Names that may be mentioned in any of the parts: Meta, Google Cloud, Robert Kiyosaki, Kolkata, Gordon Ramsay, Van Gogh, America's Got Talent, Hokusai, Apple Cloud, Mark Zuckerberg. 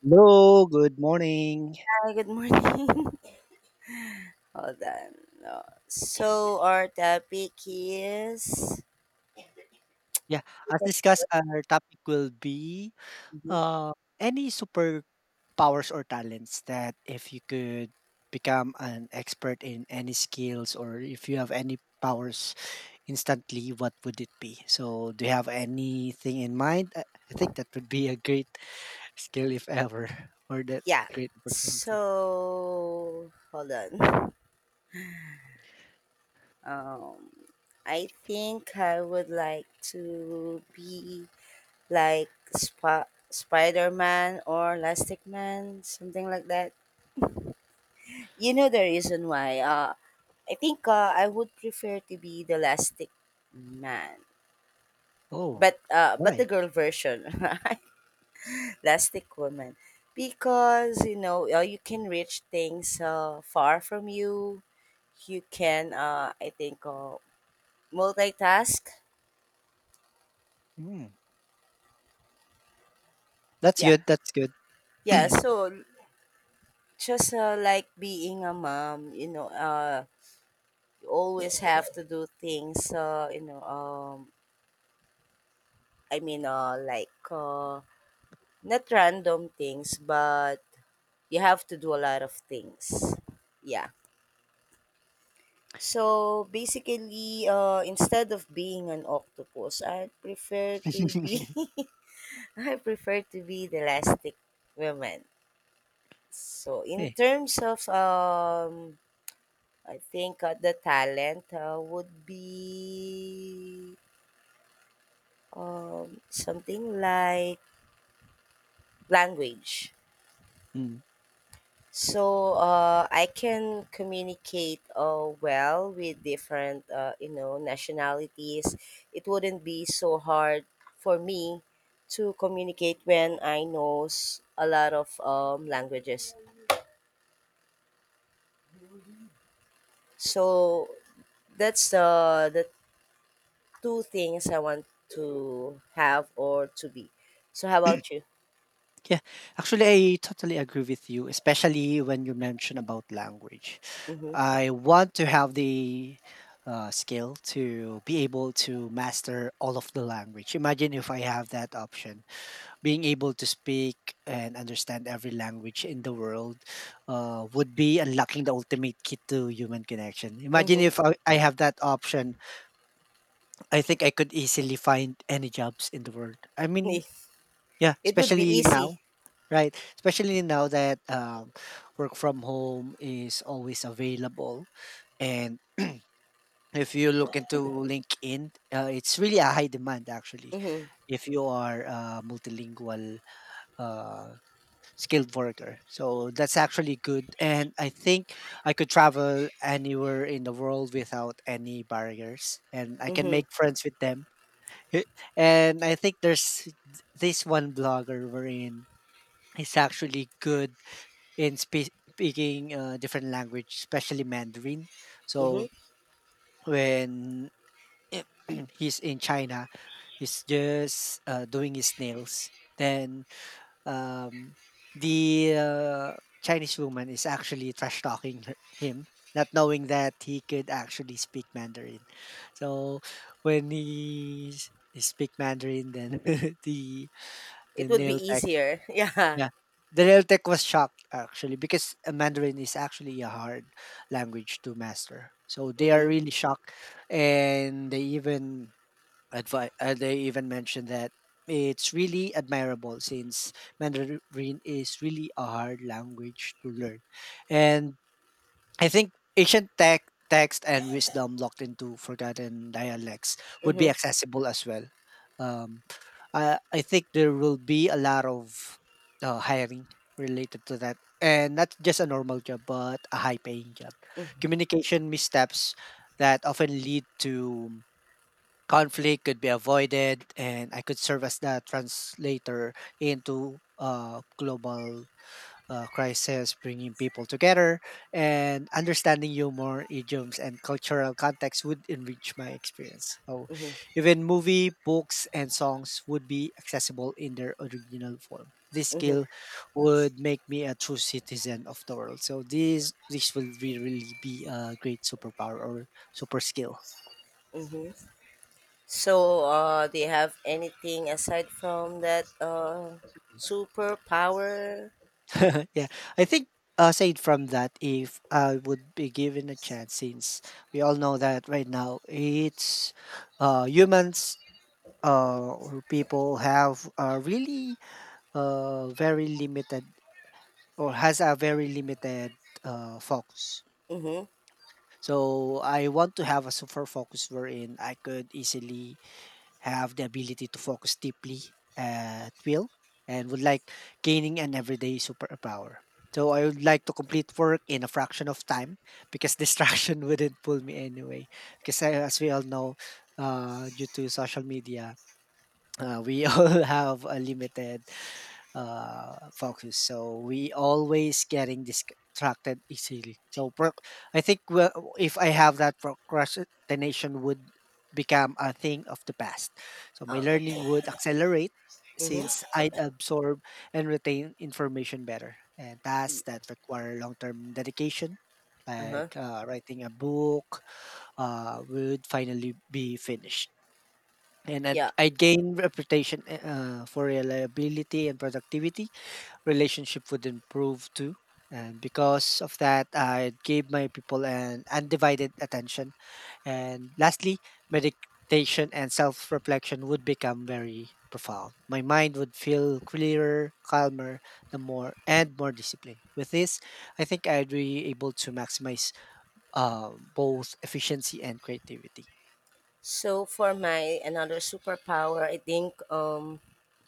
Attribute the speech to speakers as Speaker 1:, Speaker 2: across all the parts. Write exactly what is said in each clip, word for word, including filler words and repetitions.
Speaker 1: Hello, good morning.
Speaker 2: Hi, good morning. Hold on. Uh, So our topic is.
Speaker 1: Yeah, as discussed, our topic will be
Speaker 2: Mhm.
Speaker 1: uh, any superpowers or talents that if you could become an expert in any skills or if you have any powers instantly, what would it be? So, do you have anything in mind? I I think that would be a great skill, if ever, or that
Speaker 2: Yeah.
Speaker 1: great opportunity.
Speaker 2: So hold on. Um, I think I would like to be like Sp- Spider Man or Elastic Man, something like that. You know the reason why. Uh, I think uh, I would prefer to be the Elastic Man,
Speaker 1: Oh,
Speaker 2: but uh, but the
Speaker 1: why?
Speaker 2: girl version. Plastic woman, because you know uh, you can reach things uh, far from you you can, uh, I think, uh, multitask.
Speaker 1: Mm, that's
Speaker 2: Yeah,
Speaker 1: good. That's good.
Speaker 2: yeah, so just, uh, like being a mom, you know uh, you always have to do things, uh, you know um, I mean, uh, like, uh, not random things, but you have to do a lot of things. Yeah. So basically, uh, instead of being an octopus, I prefer to be. I prefer to be the elastic woman. So in
Speaker 1: Hey,
Speaker 2: terms of, um, I think uh, the talent uh, would be um, something like language.
Speaker 1: mm.
Speaker 2: So, uh, I can communicate, uh, well with different, uh, you know nationalities. It wouldn't be so hard for me to communicate when I knows a lot of, um, languages. So that's the the two things I want to have or to be. So how about you?
Speaker 1: Yeah, actually, I totally agree with you, especially when you mention about language.
Speaker 2: Mm-hmm.
Speaker 1: I want to have the uh, skill to be able to master all of the language. Imagine if I have that option, being able to speak and understand every language in the world uh, would be unlocking the ultimate key to human connection. Imagine
Speaker 2: Mm-hmm.
Speaker 1: if I, I have that option, I think I could easily find any jobs in the world. I mean, yeah,
Speaker 2: It would be
Speaker 1: especially
Speaker 2: easy.
Speaker 1: now. Right, especially now that um, work from home is always available, and if you look into LinkedIn, uh, it's really a high demand actually.
Speaker 2: Mm-hmm.
Speaker 1: If you are a multilingual uh, skilled worker, so that's actually good, and I think I could travel anywhere in the world without any barriers, and I can
Speaker 2: Mm-hmm.
Speaker 1: make friends with them. And I think there's this one blogger wherein he's actually good in spe- speaking uh, different language, especially Mandarin.
Speaker 2: Mm-hmm.
Speaker 1: So when he's in China, he's just uh, doing his nails. Then um, the uh, Chinese woman is actually trash talking her- him, not knowing that he could actually speak Mandarin. So when he, s- he speak Mandarin, then the the
Speaker 2: It would be
Speaker 1: nail
Speaker 2: easier. Yeah.
Speaker 1: yeah. The Realtek was shocked actually because uh, Mandarin is actually a hard language to master. So they are
Speaker 2: Mm-hmm.
Speaker 1: really shocked and they even advi- uh, they even mentioned that it's really admirable since Mandarin is really a hard language to learn. And I think ancient tech text and wisdom locked into forgotten dialects would be
Speaker 2: Mm-hmm.
Speaker 1: accessible as well. Um, I I think there will be a lot of uh, hiring related to that, and not just a normal job, but a high-paying job. Communication missteps that often lead to conflict could be avoided, and I could serve as the translator into uh, global uh, crisis, bringing people together, and understanding humor, idioms, and cultural context would enrich my experience. So,
Speaker 2: Mm-hmm,
Speaker 1: even movie, books, and songs would be accessible in their original form. This
Speaker 2: mm-hmm,
Speaker 1: skill would make me a true citizen of the world. So, this this will be, really be a great superpower or super skill.
Speaker 2: mm-hmm. So, uh, do you have anything aside from that, uh, superpower?
Speaker 1: Yeah, I think uh, aside from that, if I would be given a chance, since we all know that right now it's uh, humans uh, or people have a really uh, very limited or has a very limited uh, focus.
Speaker 2: Mm-hmm.
Speaker 1: So I want to have a super focus wherein I could easily have the ability to focus deeply at will, and would like gaining an everyday superpower. So I would like to complete work in a fraction of time because distraction wouldn't pull me anyway. Because I, as we all know, uh, due to social media, uh, we all have a limited uh, focus. So we always getting distracted easily. So pro- I think well, if I have that procrastination would become a thing of the past. So my
Speaker 2: Uh, okay.
Speaker 1: learning would accelerate since
Speaker 2: Mm-hmm.
Speaker 1: I'd absorb and retain information better. And tasks that require long-term dedication,
Speaker 2: Uh-huh.
Speaker 1: like uh, writing a book, uh, would finally be finished. And I'd,
Speaker 2: Yeah.
Speaker 1: I'd gain reputation eh, uh, for reliability and productivity relationship would improve too. And because of that, I gave my people an undivided attention. And lastly, meditation and self reflection would become very profound. My mind would feel clearer, calmer, the more and more disciplined. With this, I think I'd be able to maximize uh, both efficiency and creativity.
Speaker 2: So for my another superpower, I think, um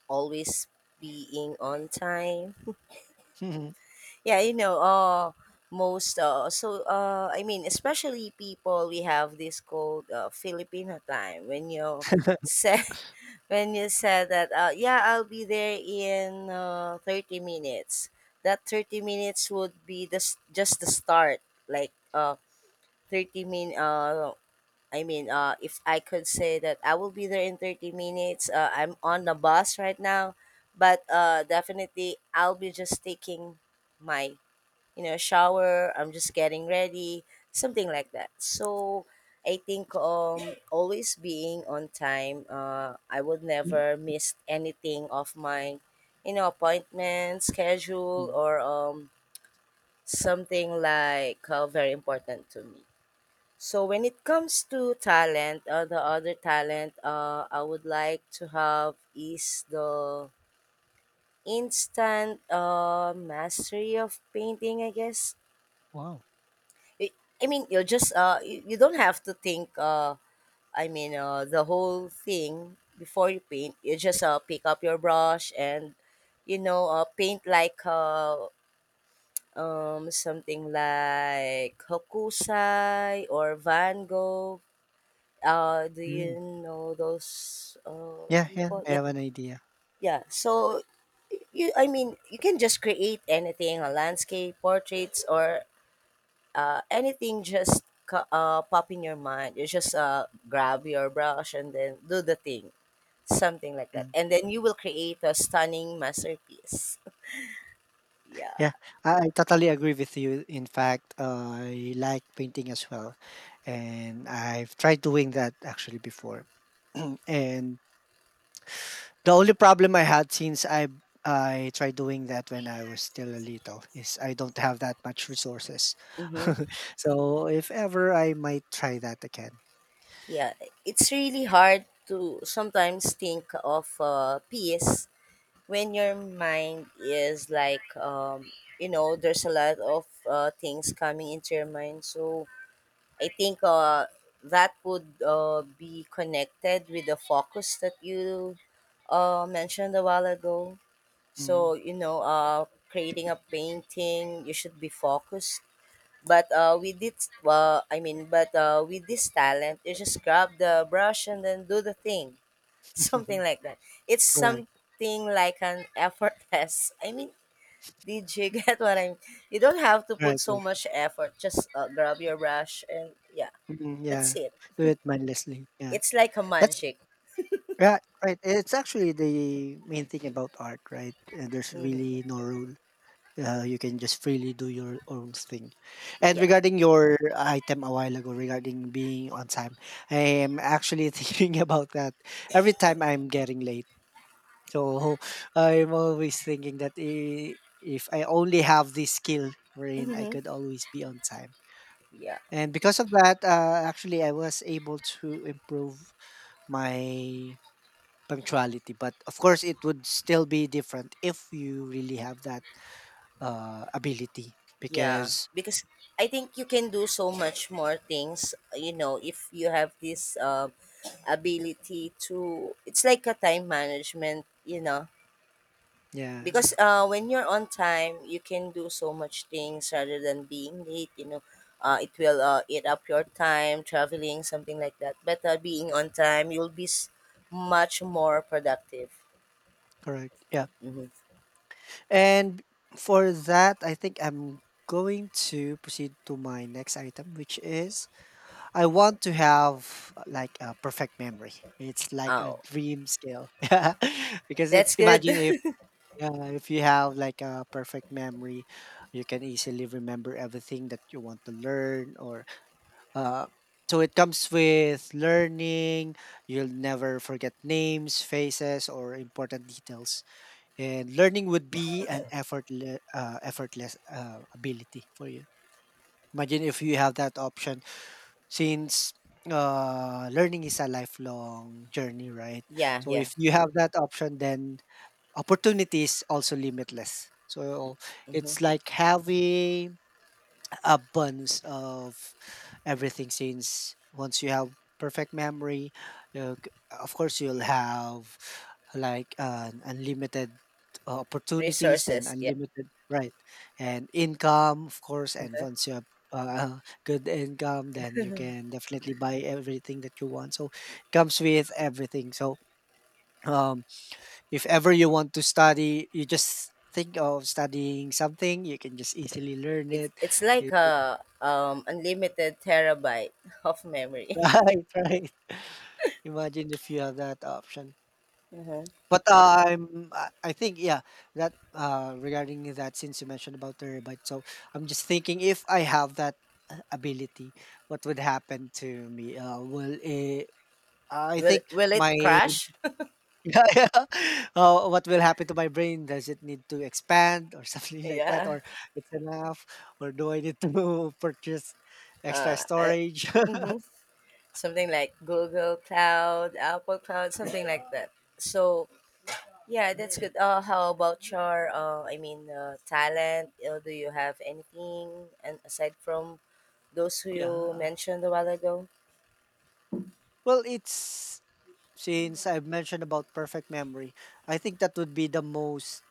Speaker 2: always being on time. Yeah, you know, uh most, uh so, uh I mean, especially, people we have this called, uh Filipino time. When you set when you said that, uh, yeah, I'll be there in, uh, thirty minutes. That thirty minutes would be the, s- just the start, like, uh, thirty min uh, I mean, uh, if I could say that I will be there in thirty minutes, uh, I'm on the bus right now, but uh, definitely I'll be just taking my, you know, shower. I'm just getting ready, something like that. So I think, um always being on time, uh I would
Speaker 1: Mm.
Speaker 2: never miss anything of my, you know, appointment, schedule,
Speaker 1: Mm.
Speaker 2: or, um something like, uh, very important to me. So when it comes to talent, uh, the other talent, uh, I would like to have is the instant, uh, mastery of painting, I guess.
Speaker 1: Wow.
Speaker 2: I I mean, you're just, uh, you, you don't have to think. Uh, I mean, uh, the whole thing before you paint. You just, uh, pick up your brush and, you know, uh, paint like, uh, um something like Hokusai or Van Gogh. Uh, do you
Speaker 1: Mm.
Speaker 2: know those, uh,
Speaker 1: Yeah, yeah,
Speaker 2: people?
Speaker 1: I
Speaker 2: Yeah,
Speaker 1: have an idea.
Speaker 2: yeah. So you, I mean, you can just create anything, a landscape, portraits, or, uh, anything just, co- uh, pop in your mind. You just, uh, grab your brush and then do the thing, something like that,
Speaker 1: Mm.
Speaker 2: and then you will create a stunning masterpiece. Yeah.
Speaker 1: Yeah, I I totally agree with you. In fact, uh, I like painting as well, and I've tried doing that actually before. And the only problem I had since I I tried doing that when I was still a little is I don't have that much resources.
Speaker 2: Hmm.
Speaker 1: So if ever I might try that again.
Speaker 2: Yeah. It's really hard to sometimes think of, uh, peace when your mind is like, um, you know there's a lot of, uh, things coming into your mind, so I think, uh, that would, uh, be connected with the focus that you, uh, mentioned a while ago. So,
Speaker 1: Mm.
Speaker 2: you know, uh, creating a painting, you should be focused. But uh, with this, uh, I mean, but uh, with this talent, you just grab the brush and then do the thing, something like that. It's
Speaker 1: Correct.
Speaker 2: something like an effortless. I mean, did you get what I mean? You don't have to put
Speaker 1: Right,
Speaker 2: so
Speaker 1: right.
Speaker 2: much effort. Just, uh, grab your brush, and yeah,
Speaker 1: Mm,
Speaker 2: that's
Speaker 1: yeah.
Speaker 2: it.
Speaker 1: Do it mindlessly. Yeah.
Speaker 2: It's like a
Speaker 1: That's
Speaker 2: magic.
Speaker 1: right, right. It's actually the main thing about art, right? And there's
Speaker 2: Mhm.
Speaker 1: really no rule. Uh, you can just freely do your own thing. And
Speaker 2: Yeah.
Speaker 1: regarding your item a while ago regarding being on time, I am actually thinking about that every time I'm getting late. So I'm always thinking that i- if I only have this skill wherein I
Speaker 2: Mhm.
Speaker 1: could always be on time.
Speaker 2: Yeah.
Speaker 1: And because of that, uh, actually, I was able to improve my punctuality. But of course, it would still be different if you really have that uh, ability
Speaker 2: Yeah.
Speaker 1: because
Speaker 2: Because I think you can do so much more things, you know, if you have this, um ability to it's like a time management, you know.
Speaker 1: yeah,
Speaker 2: Because
Speaker 1: yeah,
Speaker 2: uh when you're on time, you can do so much things rather than being late, you know. Uh, it will, uh, eat up your time traveling, something like that. But, uh, being on time, you'll be, s- much more productive.
Speaker 1: correct. Yeah.
Speaker 2: Hmm.
Speaker 1: And for that, I think I'm going to proceed to my next item, which is I want to have uh, like a perfect memory. It's like a
Speaker 2: Oh,
Speaker 1: dream skill. Yeah. Because if
Speaker 2: that's good.
Speaker 1: imagine if uh, if you have like a perfect memory, you can easily remember everything that you want to learn or uh so it comes with learning, you'll never forget names, faces, or important details and learning would be an effortle- uh, effortless uh, ability for you. Imagine if you have that option, since uh, learning is a lifelong journey, right?
Speaker 2: Yeah,
Speaker 1: So
Speaker 2: yeah.
Speaker 1: if you have that option then opportunity is also limitless, so
Speaker 2: Hmm.
Speaker 1: it's like having abundance of everything since once you have perfect memory, uh, c- of course you'll have like an unlimited uh, opportunities, then
Speaker 2: Resources, yeah.
Speaker 1: unlimited, right? And income, of course, and
Speaker 2: Okay.
Speaker 1: once you have uh, good income then you can definitely buy everything that you want, so it comes with everything. So um if ever you want to study you just think of studying something, you can just easily learn
Speaker 2: It's
Speaker 1: it.
Speaker 2: it's like a, um unlimited terabyte of memory.
Speaker 1: Right, right. Imagine if you have that option.
Speaker 2: Mm-hmm.
Speaker 1: But uh, I'm, I I think, yeah, that uh, regarding that, since you mentioned about terabyte, so I'm just thinking if I have that uh, ability, what would happen to me? Uh, well, uh, I
Speaker 2: Will
Speaker 1: think
Speaker 2: will it
Speaker 1: my,
Speaker 2: crash?
Speaker 1: yeah, yeah. Uh, what will happen to my brain? Does it need to expand or something like that,
Speaker 2: Yeah.
Speaker 1: or it's enough, or do I need to purchase extra
Speaker 2: Uh, I,
Speaker 1: storage?
Speaker 2: hmm Something like Google Cloud, Apple Cloud, something like that. So yeah, that's good. Uh, how about your, uh, I mean, uh, talent? Uh, do you have anything and aside from those who
Speaker 1: Yeah,
Speaker 2: you
Speaker 1: uh,
Speaker 2: mentioned a while ago?
Speaker 1: well, it's since I've mentioned about perfect memory, I think that would be the most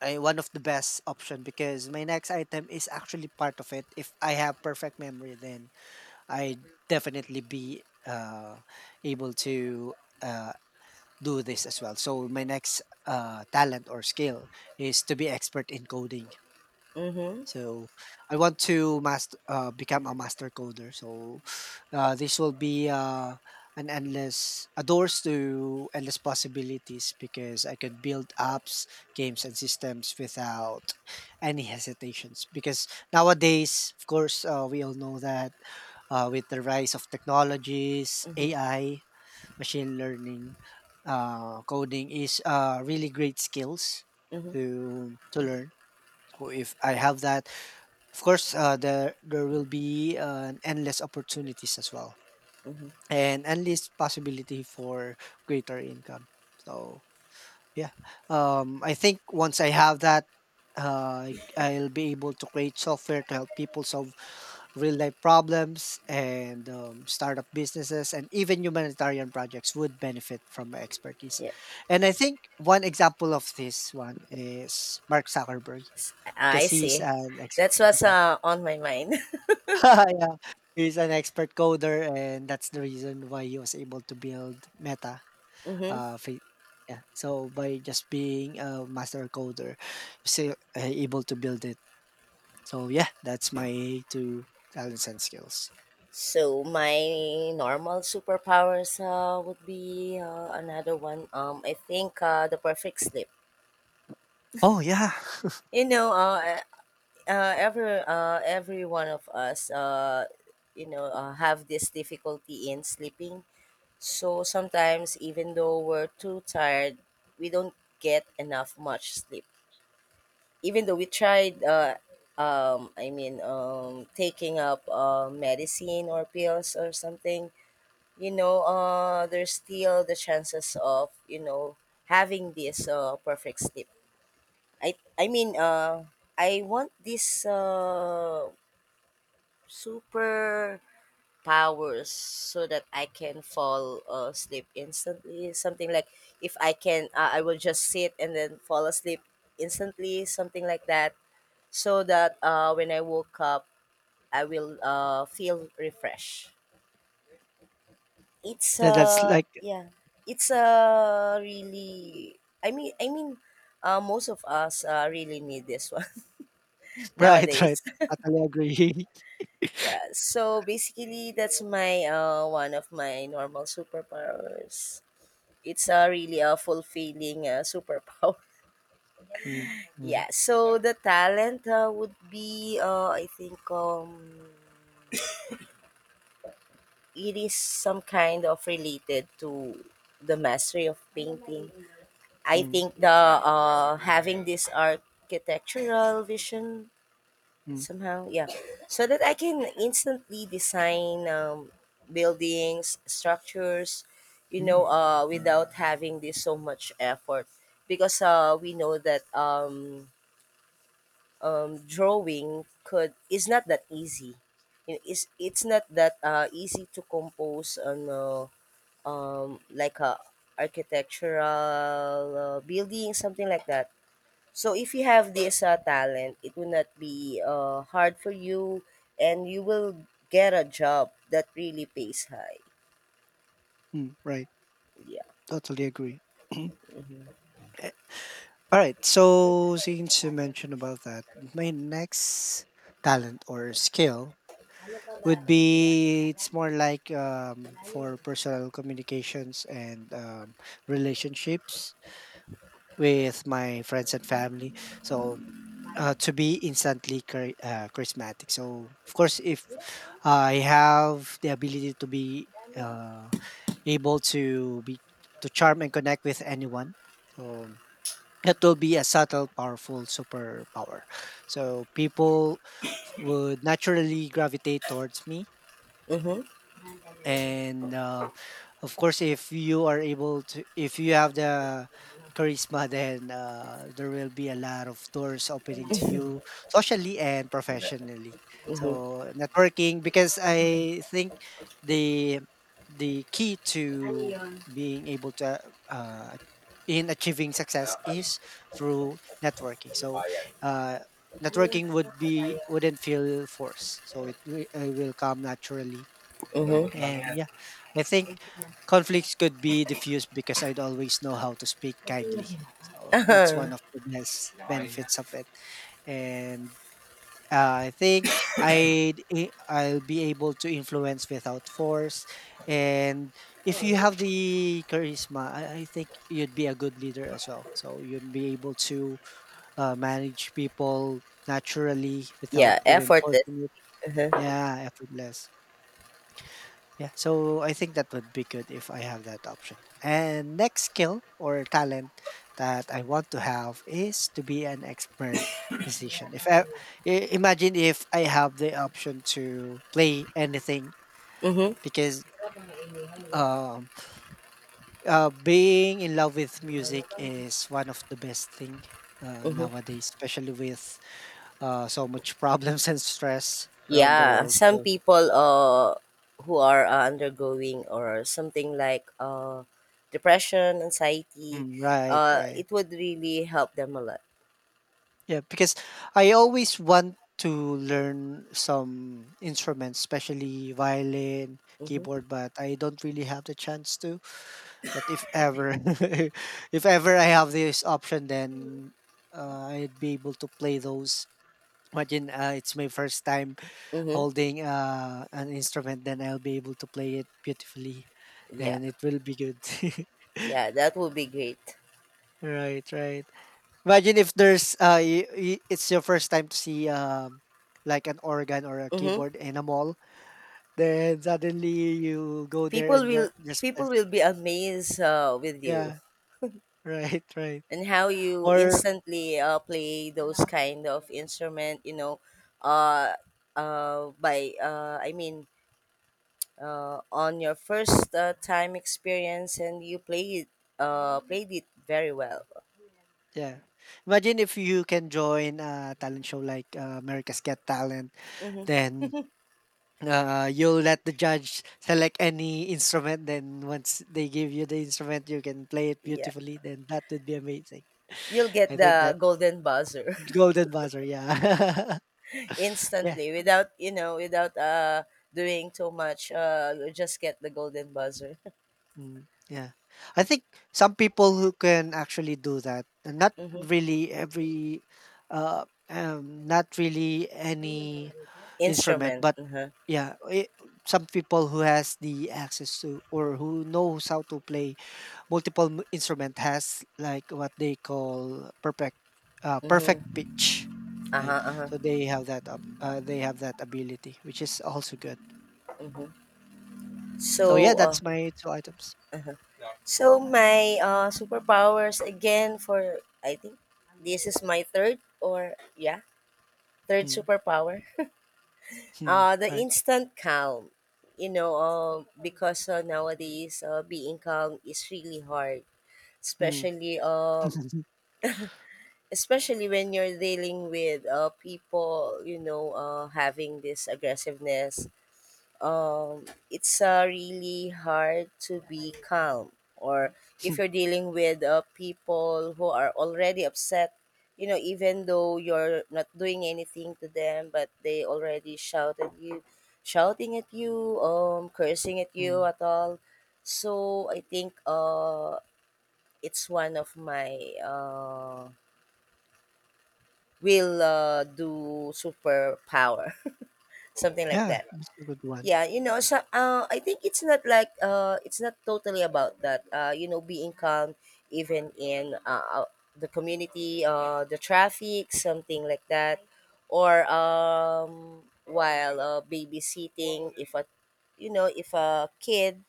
Speaker 1: uh, one of the best option because my next item is actually part of it. If I have perfect memory, then I definitely be uh, able to uh, do this as well. So my next uh, talent or skill is to be expert in coding.
Speaker 2: Mm-hmm.
Speaker 1: So I want to master uh, become a master coder. So uh, this will be uh, an endless a doors to endless possibilities because I could build apps, games, and systems without any hesitations. Because nowadays, of course, uh, we all know that uh, with the rise of technologies,
Speaker 2: Mm-hmm.
Speaker 1: A I, machine learning, uh, coding is uh, really great skills
Speaker 2: Mm-hmm.
Speaker 1: to to learn. So if I have that, of course, uh, there there will be uh, endless opportunities as well,
Speaker 2: Mm-hmm.
Speaker 1: and endless possibility for greater income. So yeah, um, I think once I have that, uh, I- I'll be able to create software to help people solve real life problems and um, startup businesses and even humanitarian projects would benefit from my expertise.
Speaker 2: Yeah.
Speaker 1: And I think one example of this one is Mark Zuckerberg
Speaker 2: Ah, I
Speaker 1: because he's
Speaker 2: see.
Speaker 1: an expert.
Speaker 2: That's what's, uh, on my mind.
Speaker 1: Yeah, he's an expert coder, and that's the reason why he was able to build Meta.
Speaker 2: Hmm.
Speaker 1: Uh, fa Yeah. So by just being a master coder, still uh, able to build it. So yeah, that's my two talents and skills.
Speaker 2: So my normal superpowers, uh, would be, uh, another one. Um, I think, uh, the perfect sleep.
Speaker 1: Oh yeah,
Speaker 2: You know, uh, uh, uh, every uh, every one of us, uh, you know, uh, have this difficulty in sleeping. So sometimes, even though we're too tired, we don't get enough much sleep. Even though we tried, uh um I mean, um taking up, uh, medicine or pills or something, you know uh there's still the chances of, you know having this, uh perfect sleep. I i mean uh I want this, uh super powers, so that I can fall, uh, asleep instantly, something like, if I can, uh, I will just sit and then fall asleep instantly, something like that, so that, uh, when I woke up, I will, uh, feel refreshed. It's
Speaker 1: yeah, that's
Speaker 2: uh
Speaker 1: like
Speaker 2: yeah, it's uh really. I mean, I mean, uh, most of us, uh, really need this one.
Speaker 1: right, right.
Speaker 2: Nowadays.
Speaker 1: Totally agree.
Speaker 2: Yeah. So basically, that's my, uh one of my normal superpowers. It's, uh, really a fulfilling, uh, superpower.
Speaker 1: Mm, yeah.
Speaker 2: Yeah, so the talent, uh, would be, uh, I think, um it is some kind of related to the mastery of painting. I
Speaker 1: Mm,
Speaker 2: think the uh, having this architectural vision
Speaker 1: mm,
Speaker 2: somehow, yeah, so that I can instantly design, um, buildings, structures, you know,
Speaker 1: mm,
Speaker 2: uh, without having this so much effort, because, uh, we know that, um, um, drawing could is not that easy. It is it's it's not that, uh, easy to compose on. Uh, um, like a architectural, uh, building, something like that. So if you have this, uh, talent, it will not be, uh, hard for you, and you will get a job that really pays high.
Speaker 1: mm, right.
Speaker 2: Yeah.
Speaker 1: Totally agree.
Speaker 2: Mhm.
Speaker 1: Alright, so since you mentioned about that, my next talent or skill would be it's more like um, for personal communications and um, relationships with my friends and family. So uh, to be instantly chari- uh, charismatic. So of course, if I have the ability to be uh, able to be to charm and connect with anyone, so that will be a subtle, powerful superpower. So people would naturally gravitate towards me
Speaker 2: Mhm.
Speaker 1: and uh, of course if you are able to if you have the charisma then uh, there will be a lot of doors opening to you socially and professionally.
Speaker 2: Mhm.
Speaker 1: So networking, because I think the the key to being able to uh, uh, in achieving success is through networking. So uh, networking would be wouldn't feel forced, so it, wi- it will come naturally.
Speaker 2: Mhm.
Speaker 1: And yeah, I think conflicts could be diffused because I'd always know how to speak kindly. So that's one of the best benefits of it. And uh, I think I'd, i- I'll be able to influence without force. And if you have the charisma, I, I think you'd be a good leader as well. So you'd be able to uh, manage people naturally without
Speaker 2: Yeah,
Speaker 1: even
Speaker 2: effort.
Speaker 1: forcing it.
Speaker 2: Uh-huh.
Speaker 1: Yeah, effortless. Yeah, so I think that would be good if I have that option. And next skill or talent that I want to have is to be an expert musician. If I, I- Imagine if I have the option to play anything,
Speaker 2: Mhm.
Speaker 1: because um uh being in love with music is one of the best thing uh,
Speaker 2: Mhm.
Speaker 1: nowadays, especially with uh so much problems and stress around the
Speaker 2: Yeah,
Speaker 1: world.
Speaker 2: some
Speaker 1: So
Speaker 2: people, uh, who are, uh, undergoing or something like, uh, depression, anxiety,
Speaker 1: mm, right,
Speaker 2: uh,
Speaker 1: right.
Speaker 2: it would really help them a lot.
Speaker 1: Yeah, because I always want to learn some instruments, especially violin,
Speaker 2: Mm-hmm.
Speaker 1: keyboard, but I don't really have the chance to. That if ever, if ever I have this option, then uh, I'd be able to play those. Imagine uh, it's my first time
Speaker 2: Mm-hmm.
Speaker 1: holding uh, an instrument, then I'll be able to play it beautifully.
Speaker 2: Yeah,
Speaker 1: Then it will be good.
Speaker 2: yeah, that would be great.
Speaker 1: Right, right. Imagine if there's uh y- y- it's your first time to see um like an organ or a
Speaker 2: Mm-hmm.
Speaker 1: keyboard in a mall, then suddenly you go there
Speaker 2: People
Speaker 1: and ju-
Speaker 2: will
Speaker 1: just
Speaker 2: people
Speaker 1: press-
Speaker 2: will be amazed, uh, with
Speaker 1: yeah,
Speaker 2: you,
Speaker 1: right, right.
Speaker 2: and how you
Speaker 1: Or
Speaker 2: instantly, uh, play those kind of instrument. You know, uh, uh, by uh, I mean, uh, on your first, uh, time experience, and you play it. Uh, played it very well.
Speaker 1: yeah. Imagine if you can join a talent show like uh, America's Got Talent,
Speaker 2: hmm
Speaker 1: then uh, you'll let the judge select any instrument. Then once they give you the instrument, you can play it
Speaker 2: Yeah,
Speaker 1: beautifully. Then that would be amazing.
Speaker 2: you'll get
Speaker 1: I think
Speaker 2: the
Speaker 1: that
Speaker 2: golden buzzer
Speaker 1: golden buzzer, yeah. Yes.
Speaker 2: instantly, without you know without uh, doing too much. Uh, you just get the golden buzzer.
Speaker 1: Mm, yeah. I think some people who can actually do that, and not
Speaker 2: Hmm.
Speaker 1: really every, uh, um, not really any instrument,
Speaker 2: Instrument.
Speaker 1: but
Speaker 2: Uh-huh.
Speaker 1: yeah, it, some people who has the access to or who knows how to play multiple m- instrument has like what they call perfect, uh, perfect
Speaker 2: Mm-hmm.
Speaker 1: pitch, right?
Speaker 2: Uh-huh, uh-huh.
Speaker 1: So they have that up, uh, they have that ability, which is also good.
Speaker 2: Mm-hmm.
Speaker 1: So yeah,
Speaker 2: So, uh,
Speaker 1: that's my two items.
Speaker 2: so my, uh, superpowers again for I think this is my third, or yeah, third
Speaker 1: Mm,
Speaker 2: superpower.
Speaker 1: mm,
Speaker 2: Uh, the
Speaker 1: right.
Speaker 2: instant calm, you know, uh, because, uh, nowadays, uh, being calm is really hard,
Speaker 1: Mm.
Speaker 2: especially um, especially when you're dealing with, uh, people, you know, uh, having this aggressiveness, um, it's, uh, really hard to be calm, or if you're dealing with, uh, people who are already upset, you know even though you're not doing anything to them, but they already shouted you shouting at you, um cursing at you
Speaker 1: Mm.
Speaker 2: at all. So I think, uh it's one of my, uh will, uh, do superpower, something like
Speaker 1: Yeah,
Speaker 2: that.
Speaker 1: that's a good one.
Speaker 2: Yeah, you know, so, uh, I think it's not like, uh, it's not totally about that. Uh, you know, being calm even in, uh, uh, the community, uh, the traffic, something like that, or, um, while, uh, babysitting, if a you know if a kid,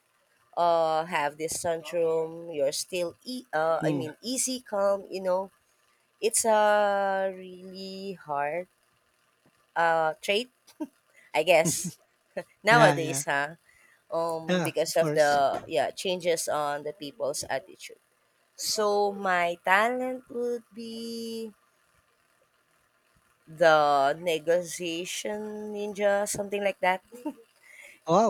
Speaker 2: uh have this syndrome, you're still, e- uh, I
Speaker 1: Mm.
Speaker 2: mean, easy calm. You know, it's a really hard, uh trait, I guess,
Speaker 1: Yeah, yeah.
Speaker 2: nowadays, huh? Um
Speaker 1: Yeah,
Speaker 2: because
Speaker 1: of
Speaker 2: of
Speaker 1: course.
Speaker 2: the, yeah changes on the people's attitude. So my talent would be the negotiation ninja, something like that.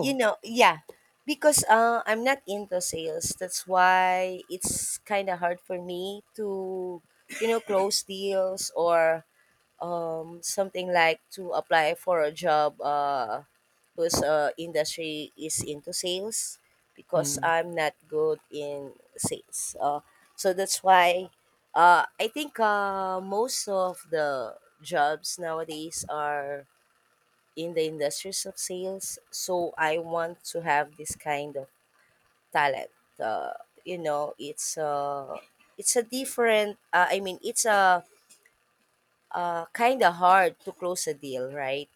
Speaker 2: you know Yeah, because, uh, I'm not into sales. That's why it's kind of hard for me to, you know close deals, or, um, something like to apply for a job, uh, whose, uh, industry is into sales, because
Speaker 1: Mm.
Speaker 2: I'm not good in sales. Uh, so that's why, uh, I think, uh, most of the jobs nowadays are in the industries of sales. So I want to have this kind of talent. Uh, you know, it's uh, it's a different. Uh, I mean, it's a, uh, kind of hard to close a deal, right?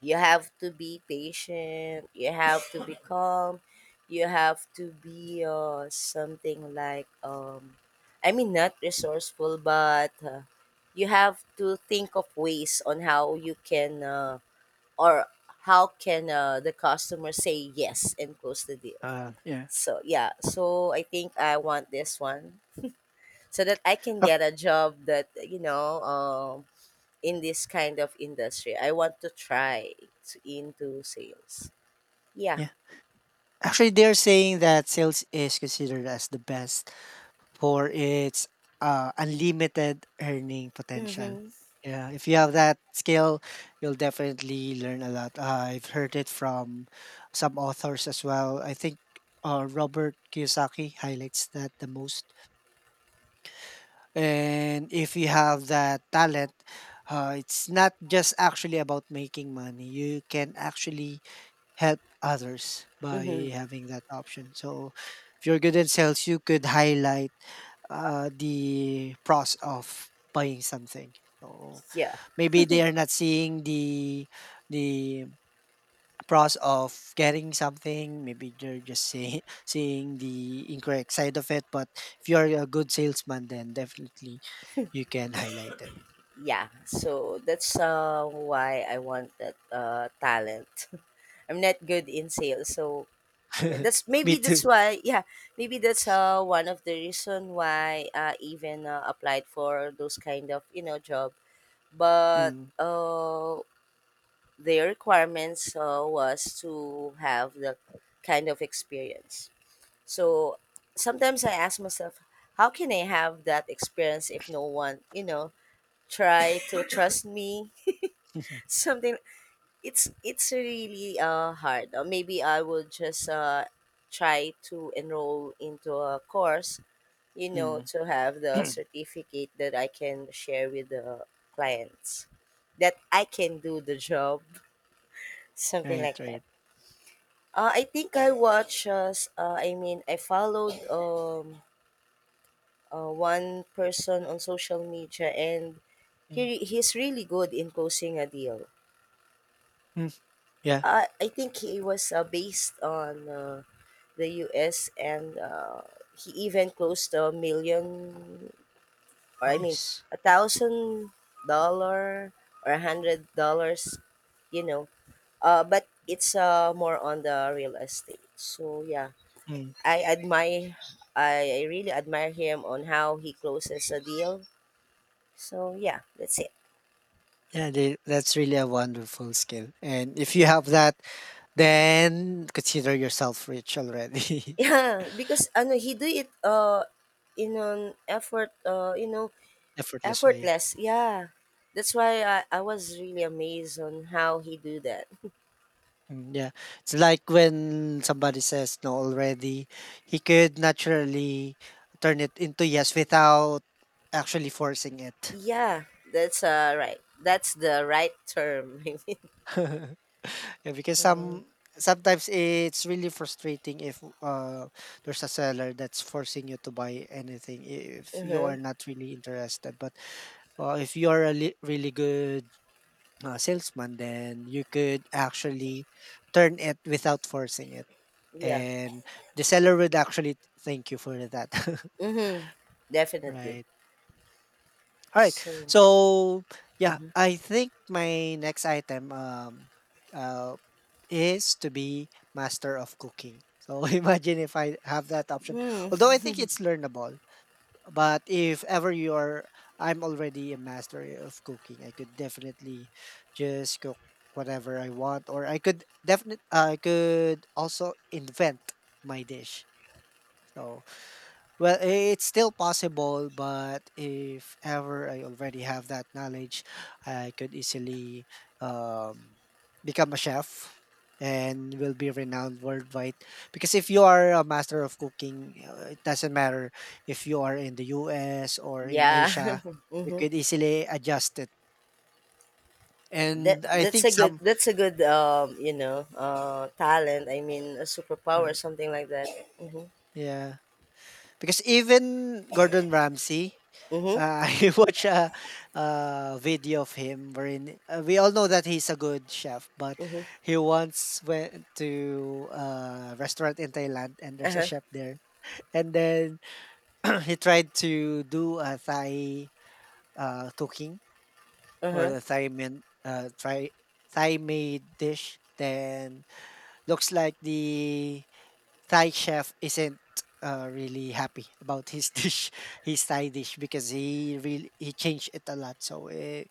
Speaker 2: You have to be patient, you have to be, calm, you have to be, uh, something like, um I mean, not resourceful, but, uh, you have to think of ways on how you can uh, or how can, uh, the customer say yes and close the deal.
Speaker 1: Uh, yeah.
Speaker 2: So yeah, so I think I want this one, so that I can
Speaker 1: Ac-
Speaker 2: get a job that, you know um in this kind of industry. I want to try to, into sales. Yeah.
Speaker 1: yeah. Actually, they're saying that sales is considered as the best for its uh, unlimited earning potential.
Speaker 2: Mm-hmm.
Speaker 1: Yeah, if you have that skill, you'll definitely learn a lot. Uh, I've heard it from some authors as well. I think uh, Robert Kiyosaki highlights that the most. And if you have that talent, uh, it's not just actually about making money. You can actually help others
Speaker 2: Mm-hmm.
Speaker 1: by having that option. So if you're good in sales, you could highlight uh, the pros of buying something. So
Speaker 2: Yeah.
Speaker 1: maybe they are not seeing the the pros of getting something. Maybe they're just say, seeing the incorrect side of it. But if you're a good salesman, then definitely you can highlight it.
Speaker 2: Yeah. So that's, uh, why I want that, uh, talent. I'm not good in sales, so yeah, that's
Speaker 1: Me
Speaker 2: maybe
Speaker 1: too.
Speaker 2: that's why. Yeah, maybe that's, uh, one of the reason why I even, uh, applied for those kind of, you know job. But,
Speaker 1: Mm.
Speaker 2: uh, the requirements, uh, was to have that kind of experience. So sometimes I ask myself, how can I have that experience if no one, you know, try to trust me? Something. It's it's really, uh hard. Or maybe I will just, uh try to enroll into a course, you know,
Speaker 1: mm.
Speaker 2: to have the certificate that I can share with the clients, that I can do the job, something
Speaker 1: Right,
Speaker 2: like that.
Speaker 1: right.
Speaker 2: Uh, I think I watch, uh, s- uh, I mean, I followed, um, uh, one person on social media, and
Speaker 1: Mm.
Speaker 2: he he's really good in closing a deal.
Speaker 1: Mm. Yeah,
Speaker 2: I I think he was, uh, based on, uh, the U S, and, uh, he even closed a million, or I mean
Speaker 1: nice.
Speaker 2: a thousand dollar, or a hundred dollars, you know. Uh, but it's, uh, more on the real estate. So yeah,
Speaker 1: Mm.
Speaker 2: I admire, I, I really admire him on how he closes a deal. So yeah, that's it.
Speaker 1: Yeah, they, that's really a wonderful skill. And if you
Speaker 2: Yeah.
Speaker 1: have that, then consider yourself rich already.
Speaker 2: Yeah, because ano he do it, uh in an effort uh you know
Speaker 1: Effortless way.
Speaker 2: effortless. Yeah. That's why I, I was really amazed on how he do that.
Speaker 1: Mm, yeah. It's like when somebody says no already, he could naturally turn it into yes without actually forcing it.
Speaker 2: Yeah, that's, uh right. That's the right term.
Speaker 1: Yeah, because
Speaker 2: Uh-huh.
Speaker 1: some sometimes it's really frustrating if uh there's a seller that's forcing you to buy anything if you
Speaker 2: Uh-huh.
Speaker 1: are not really interested. But uh, if you are a li- really good uh, salesman, then you could actually turn it without forcing it.
Speaker 2: Yeah.
Speaker 1: And the seller would actually thank you for that.
Speaker 2: Mm-hmm. Definitely.
Speaker 1: Right, all right.
Speaker 2: So
Speaker 1: So yeah,
Speaker 2: mhm.
Speaker 1: I think my next item um uh is to be master of cooking. So imagine if I have that option. Although I think
Speaker 2: Mm.
Speaker 1: it's learnable, but if ever you're I'm already a master of cooking, I could definitely just cook whatever I want, or i could definite I could also invent my dish. So well, it's still possible, but if ever I already have that knowledge, I could easily um, become a chef and will be renowned worldwide. Because if you are a master of cooking, uh, it doesn't matter if you are in the U S or in
Speaker 2: Yeah.
Speaker 1: Asia, you
Speaker 2: Mm-hmm.
Speaker 1: could easily adjust it.
Speaker 2: That
Speaker 1: And I
Speaker 2: that's
Speaker 1: think
Speaker 2: a good,
Speaker 1: some,
Speaker 2: that's a good um you know uh talent. I mean, a superpower,
Speaker 1: right.
Speaker 2: something like that. Mm-hmm.
Speaker 1: Yeah. Because even Gordon Ramsay,
Speaker 2: Mm-hmm.
Speaker 1: uh, I watch a, a video of him wherein uh, we all know that he's a good chef, but
Speaker 2: Mm-hmm.
Speaker 1: he once went to a restaurant in Thailand and there's a
Speaker 2: Uh-huh.
Speaker 1: chef there. And then he tried to do a Thai uh, cooking or
Speaker 2: Uh-huh.
Speaker 1: a Thai men, uh, Thai, Thai made dish. Then looks like the Thai chef isn't uh, really happy about his dish, his Thai dish, because he really he changed it a lot, so it,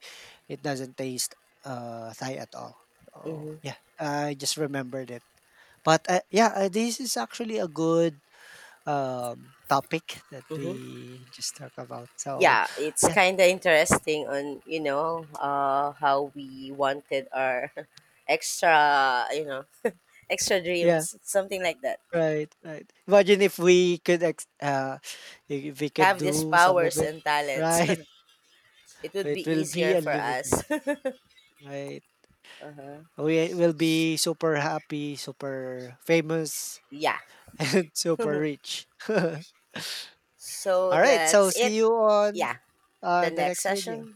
Speaker 1: it doesn't taste uh, Thai at all. Oh
Speaker 2: Mm-hmm.
Speaker 1: yeah, I just remembered it. But uh, yeah, uh, this is actually a good um, topic that
Speaker 2: Mm-hmm.
Speaker 1: we just talk about. So
Speaker 2: Yeah, it's
Speaker 1: yeah,
Speaker 2: kind of interesting on, you know, uh, how we wanted our extra, you know, extra
Speaker 1: yeah,
Speaker 2: dreams, something like that.
Speaker 1: right, right. Imagine if we could ex- uh, if we could
Speaker 2: Have these
Speaker 1: do some
Speaker 2: powers
Speaker 1: of it,
Speaker 2: and talents.
Speaker 1: right?
Speaker 2: It
Speaker 1: So
Speaker 2: would be
Speaker 1: it will be
Speaker 2: easier for us.
Speaker 1: unlimited,
Speaker 2: Uh-huh.
Speaker 1: right? We will be super happy, super famous,
Speaker 2: Yeah.
Speaker 1: and super rich.
Speaker 2: So
Speaker 1: All right, so
Speaker 2: that's it.
Speaker 1: see you on,
Speaker 2: Yeah.
Speaker 1: uh,
Speaker 2: The
Speaker 1: the
Speaker 2: next
Speaker 1: next
Speaker 2: session.
Speaker 1: video.